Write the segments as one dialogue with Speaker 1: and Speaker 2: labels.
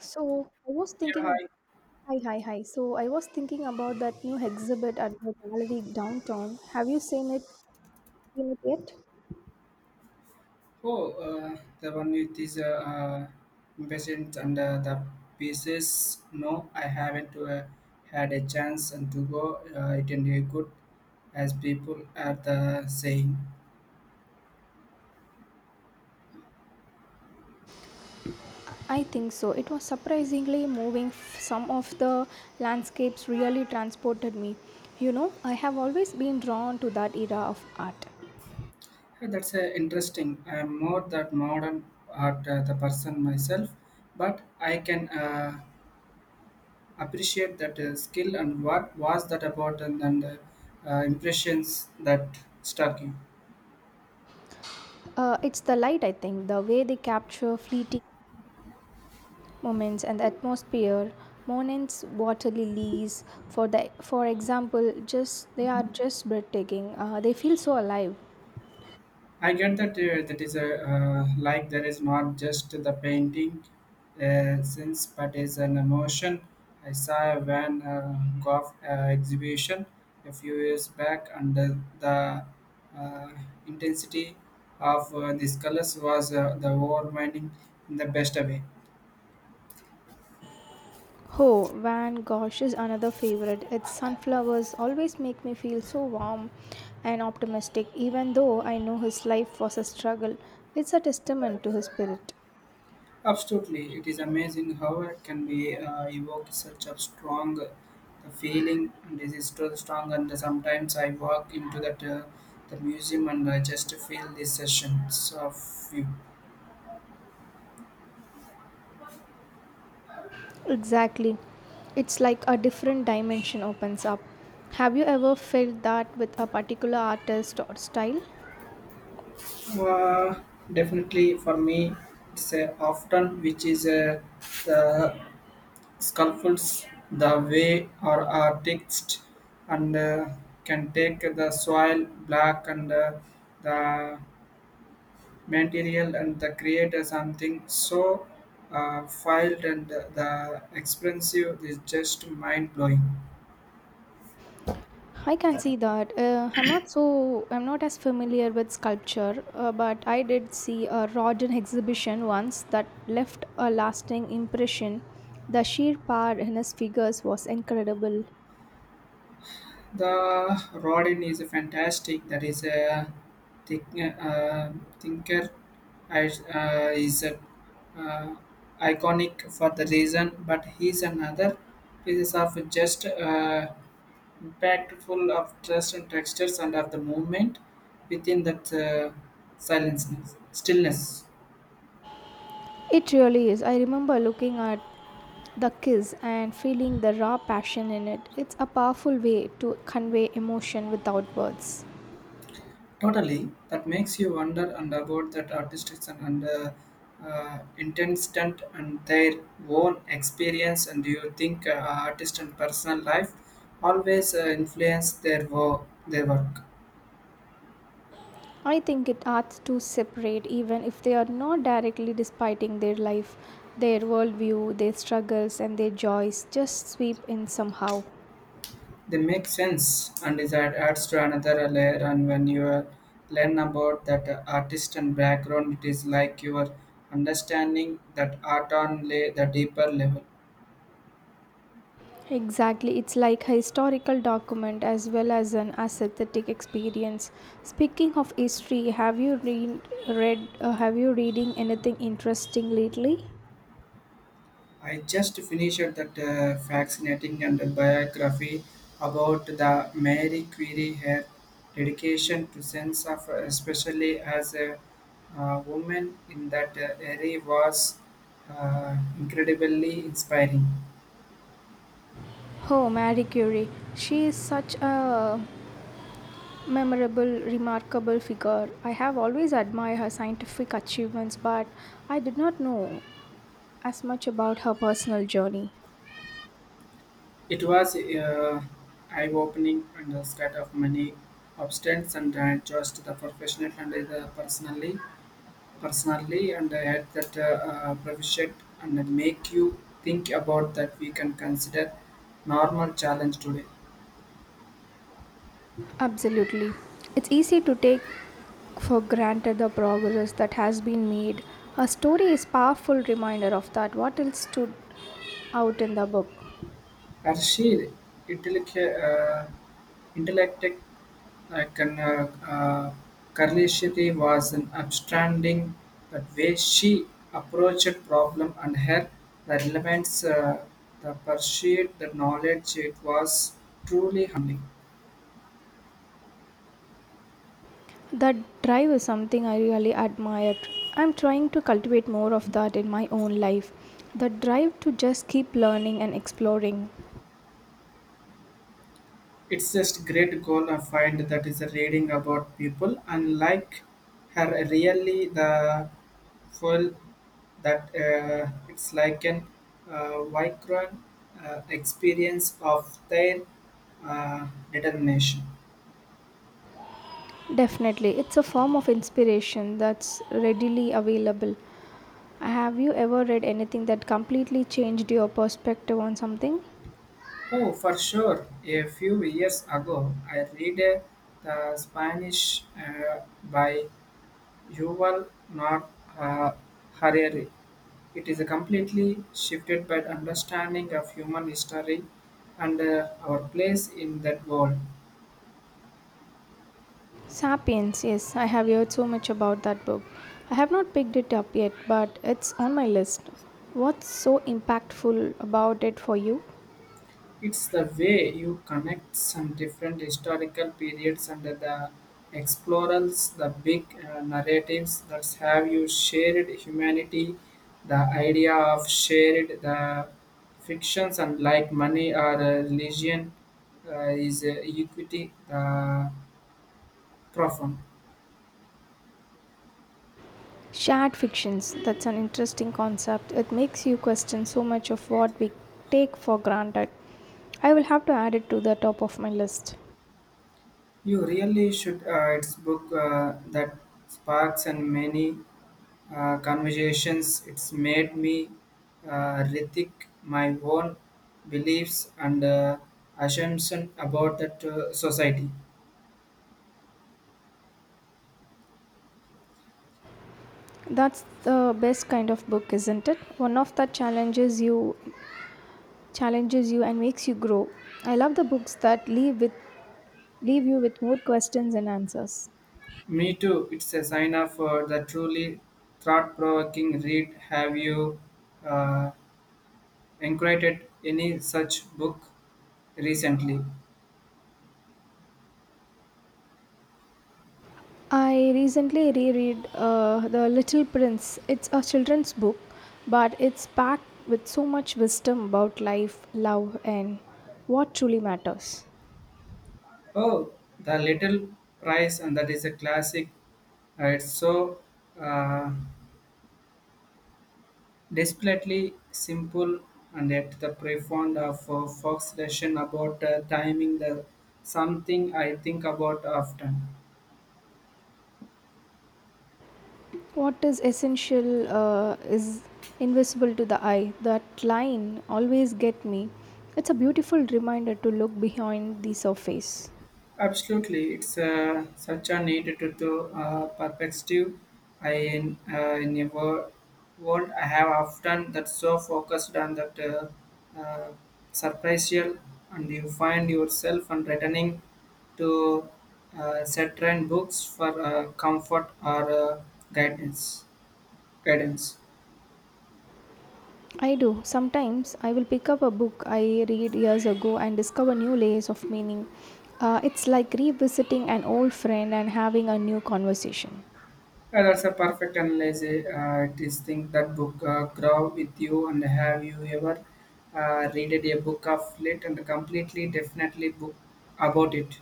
Speaker 1: So I was
Speaker 2: Yeah,
Speaker 1: thinking,
Speaker 2: hi.
Speaker 1: hi, hi, hi. So I was thinking about that new exhibit at the gallery downtown. Have you seen it? Seen it yet?
Speaker 2: Oh, the one with this uh, impatient and the pieces. No, I haven't had a chance and to go. It didn't be good, as people are the saying.
Speaker 1: I think so. It was surprisingly moving. Some of the landscapes really transported me. You know, I have always been drawn to that era of art.
Speaker 2: Hey, that's interesting. I'm more that modern art the person myself, but I can appreciate that skill and what was that about and impressions that struck you.
Speaker 1: It's the light, I think, the way they capture fleeting moments and the atmosphere. Monet's water lilies, for example, just they are just breathtaking. They feel so alive.
Speaker 2: I get that that is a like there is not just the painting sense, but is an emotion. I saw a Van Gogh exhibition a few years back, and the uh, intensity of these colors was the overwhelming in the best way.
Speaker 1: Oh, Van Gogh is another favorite. Its sunflowers always make me feel so warm and optimistic, even though I know his life was a struggle. It's a testament to his spirit.
Speaker 2: Absolutely, it is amazing how it can be evoke such a strong feeling, and this is so strong. And sometimes I walk into that the museum and I just feel these sessions of you.
Speaker 1: Exactly. It's like a different dimension opens up. Have you ever felt that with a particular artist or style?
Speaker 2: Uh, Definitely, for me, it's often which is the sculptures, the way or are text, and can take the soil black and the material and the creator, something so filed and the expensive is just mind blowing.
Speaker 1: I can see that. I'm not as familiar with sculpture, but I did see a Rodin exhibition once that left a lasting impression. The sheer power in his figures was incredible.
Speaker 2: The Rodin is fantastic. That is a think, thinker as is a, uh, iconic for the reason, but he's another pieces of just impactful of trust and textures and of the movement within that silence stillness.
Speaker 1: It really is. I remember looking at the kiss and feeling the raw passion in it. It's a powerful way to convey emotion without words.
Speaker 2: Totally, that makes you wonder and about that artistic and intensity and their own experience. And do you think artist and personal life always influence their work? Their work,
Speaker 1: I think it arts to separate, even if they are not directly despite their life, their worldview, their struggles, and their joys just sweep in somehow.
Speaker 2: they make sense and it adds to another layer. And when you learn about that artist and background, it is like you are understanding that art on lay the deeper level.
Speaker 1: Exactly, it's like a historical document as well as an aesthetic experience. Speaking of history, have you reading anything interesting lately?
Speaker 2: I just finished that fascinating and biography about the Mary Curie, her dedication to sense of, especially as a woman in that era, was incredibly inspiring.
Speaker 1: Oh, Marie Curie. She is such a memorable, remarkable figure. I have always admired her scientific achievements, but I did not know as much about her personal journey.
Speaker 2: It was eye-opening and a scat of many obstacles and just the professional and the personally. Personally and add that proficient and then make you think about that we can consider normal challenge today.
Speaker 1: Absolutely. It's easy to take for granted the progress that has been made. Her story is powerful reminder of that. What else stood out in the book?
Speaker 2: Arshil, intellect, intellect like an, Karlishiti was an upstanding that way she approached problem and her relevance, the pursuit, the knowledge, it was truly humbling.
Speaker 1: That drive is something I really admire. I'm trying to cultivate more of that in my own life. The drive to just keep learning and exploring.
Speaker 2: It's just great goal I find that is reading about people and like her really the full that it's like an vibrant experience of their determination.
Speaker 1: Definitely, it's a form of inspiration that's readily available. Have you ever read anything that completely changed your perspective on something?
Speaker 2: Oh, for sure. A few years ago, I read the Spanish by Yuval Noah Ha- Harari. It is a completely shifted by understanding of human history and our place in that world.
Speaker 1: Sapiens, yes, I have heard so much about that book. I have not picked it up yet, but it's on my list. What's so impactful about it for you?
Speaker 2: It's the way you connect some different historical periods under the explorers, the big narratives that have you shared humanity, the idea of shared the fictions and like money or religion is equity. The profound.
Speaker 1: Shared fictions, that's an interesting concept. It makes you question so much of what we take for granted. I will have to add it to the top of my list.
Speaker 2: You really should. It's book that sparks and many conversations. It's made me rethink my own beliefs and assumption about that society.
Speaker 1: That's the best kind of book, isn't it? One of that challenges you and makes you grow. I love the books that leave you with more questions and answers.
Speaker 2: Me too. It's a sign of the truly thought-provoking read. Have you uh, inquired any such book recently?
Speaker 1: I recently reread The Little Prince. It's a children's book, but it's packed with so much wisdom about life, love, and what truly matters.
Speaker 2: Oh, The Little Price, and that is a classic. It's so uh, desperately simple and yet the profound of Fox lesson about timing the something I think about often.
Speaker 1: What is essential is invisible to the eye. That line always get me. It's a beautiful reminder to look behind the surface.
Speaker 2: Absolutely, it's such a need to do perspective. I in a world I have often that so focused on that surprisal, and you find yourself and returning to certain books for comfort or guidance. Guidance.
Speaker 1: I do. Sometimes I will pick up a book I read years ago and discover new layers of meaning. It's like revisiting an old friend and having a new conversation.
Speaker 2: Yeah, that's a perfect analysis. It is think that book grow with you and have you ever read a book of late and completely definitely book about it.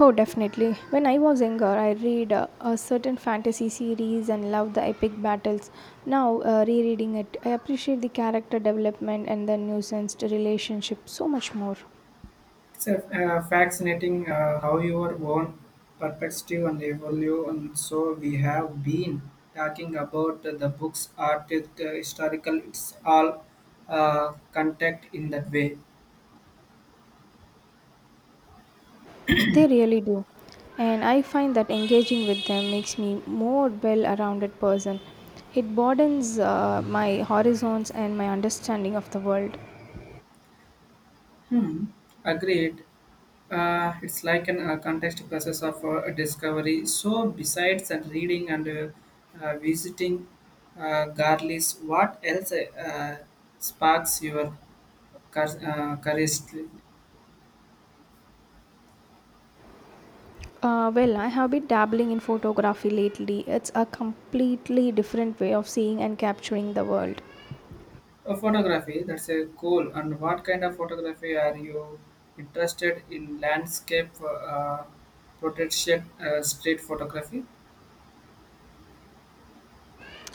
Speaker 1: Oh, definitely. When I was younger, I read a certain fantasy series and loved the epic battles. Now, rereading it, I appreciate the character development and the nuanced relationship so much more.
Speaker 2: It's a, fascinating how your own perspective and evolve and so we have been talking about the books art the historical it's all contact in that way.
Speaker 1: They really do. And I find that engaging with them makes me more well-rounded person. It broadens my horizons and my understanding of the world.
Speaker 2: Hmm. Agreed. It's like an context process of discovery. So, besides that reading and visiting Garlis, what else sparks your curiosity?
Speaker 1: Well, I have been dabbling in photography lately. It's a completely different way of seeing and capturing the world.
Speaker 2: Photography, that's a cool. And what kind of photography are you interested in? Landscape, portraiture, street photography?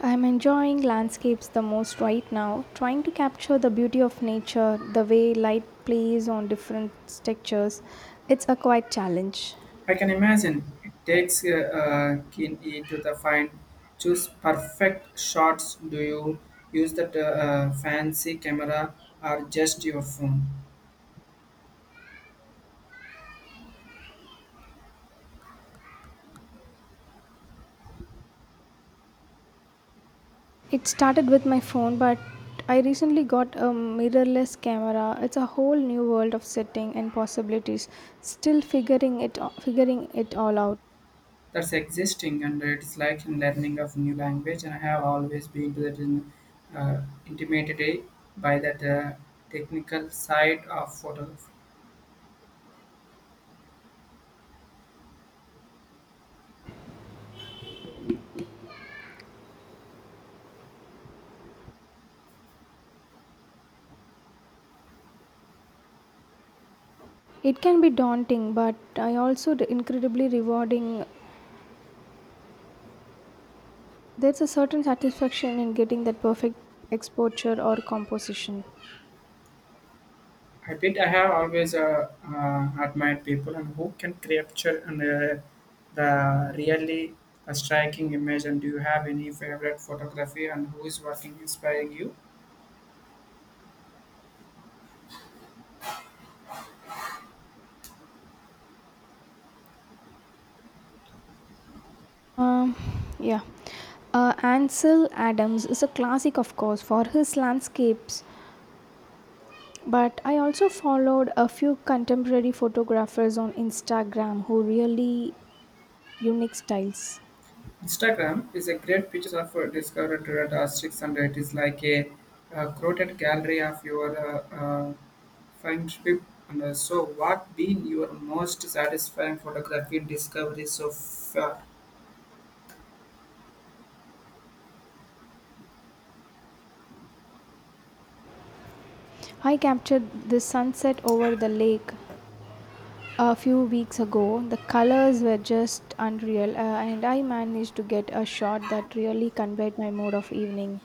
Speaker 1: I'm enjoying landscapes the most right now, trying to capture the beauty of nature, the way light plays on different textures. It's a quite challenge.
Speaker 2: I can imagine it takes keen ear to the fine, choose perfect shots. Do you use that fancy camera or just your phone?
Speaker 1: It started with my phone, but I recently got a mirrorless camera. It's a whole new world of setting and possibilities. Still figuring it all out.
Speaker 2: That's existing, and it's like in learning of new language. And I have always been to that in, intimidated by that technical side of photo.
Speaker 1: It can be daunting, but I also incredibly rewarding. There's a certain satisfaction in getting that perfect exposure or composition.
Speaker 2: I did. I have always admired people and who can capture and the really a striking image. And do you have any favorite photography and who is working inspiring you?
Speaker 1: Um, yeah. Ansel Adams is a classic, of course, for his landscapes. But I also followed a few contemporary photographers on Instagram who really unique styles.
Speaker 2: Instagram is a great pictures of discovered red artists and it is like a, crowded gallery of your friendship. And so, what been your most satisfying photography discovery so far?
Speaker 1: I captured the sunset over the lake a few weeks ago. The colors were just unreal, and I managed to get a shot that really conveyed my mood of evening.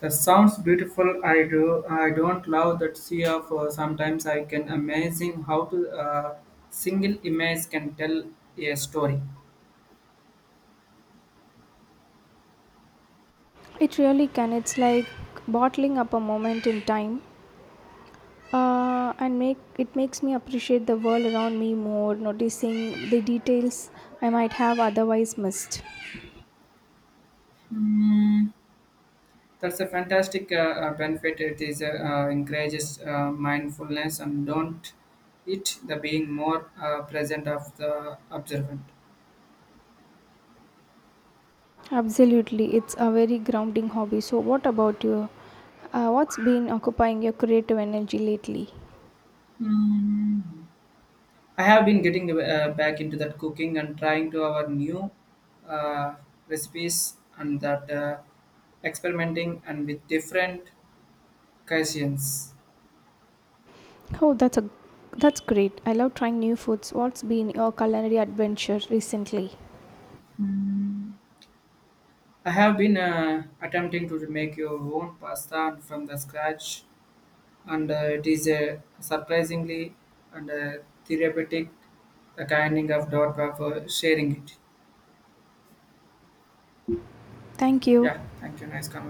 Speaker 2: That sounds beautiful. I do. I don't love that sea of. Sometimes I can amazing how to uh, single image can tell a story.
Speaker 1: It really can. It's like bottling up a moment in time and makes me appreciate the world around me more noticing the details I might have otherwise missed.
Speaker 2: Hmm, that's a fantastic benefit. It is encourages mindfulness and don't it the being more present of the observant.
Speaker 1: Absolutely, it's a very grounding hobby. So what about you? What's been occupying your creative energy lately?
Speaker 2: Hmm. I have been getting back into that cooking and trying to our new uh, recipes and that experimenting and with different cuisines.
Speaker 1: Oh, that's a that's great. I love trying new foods. What's been your culinary adventure recently?
Speaker 2: I have been attempting to make your own pasta from the scratch, and it is a surprisingly and therapeutic the kind of dot for sharing it.
Speaker 1: Thank you.
Speaker 2: Yeah, thank you. Nice conversation.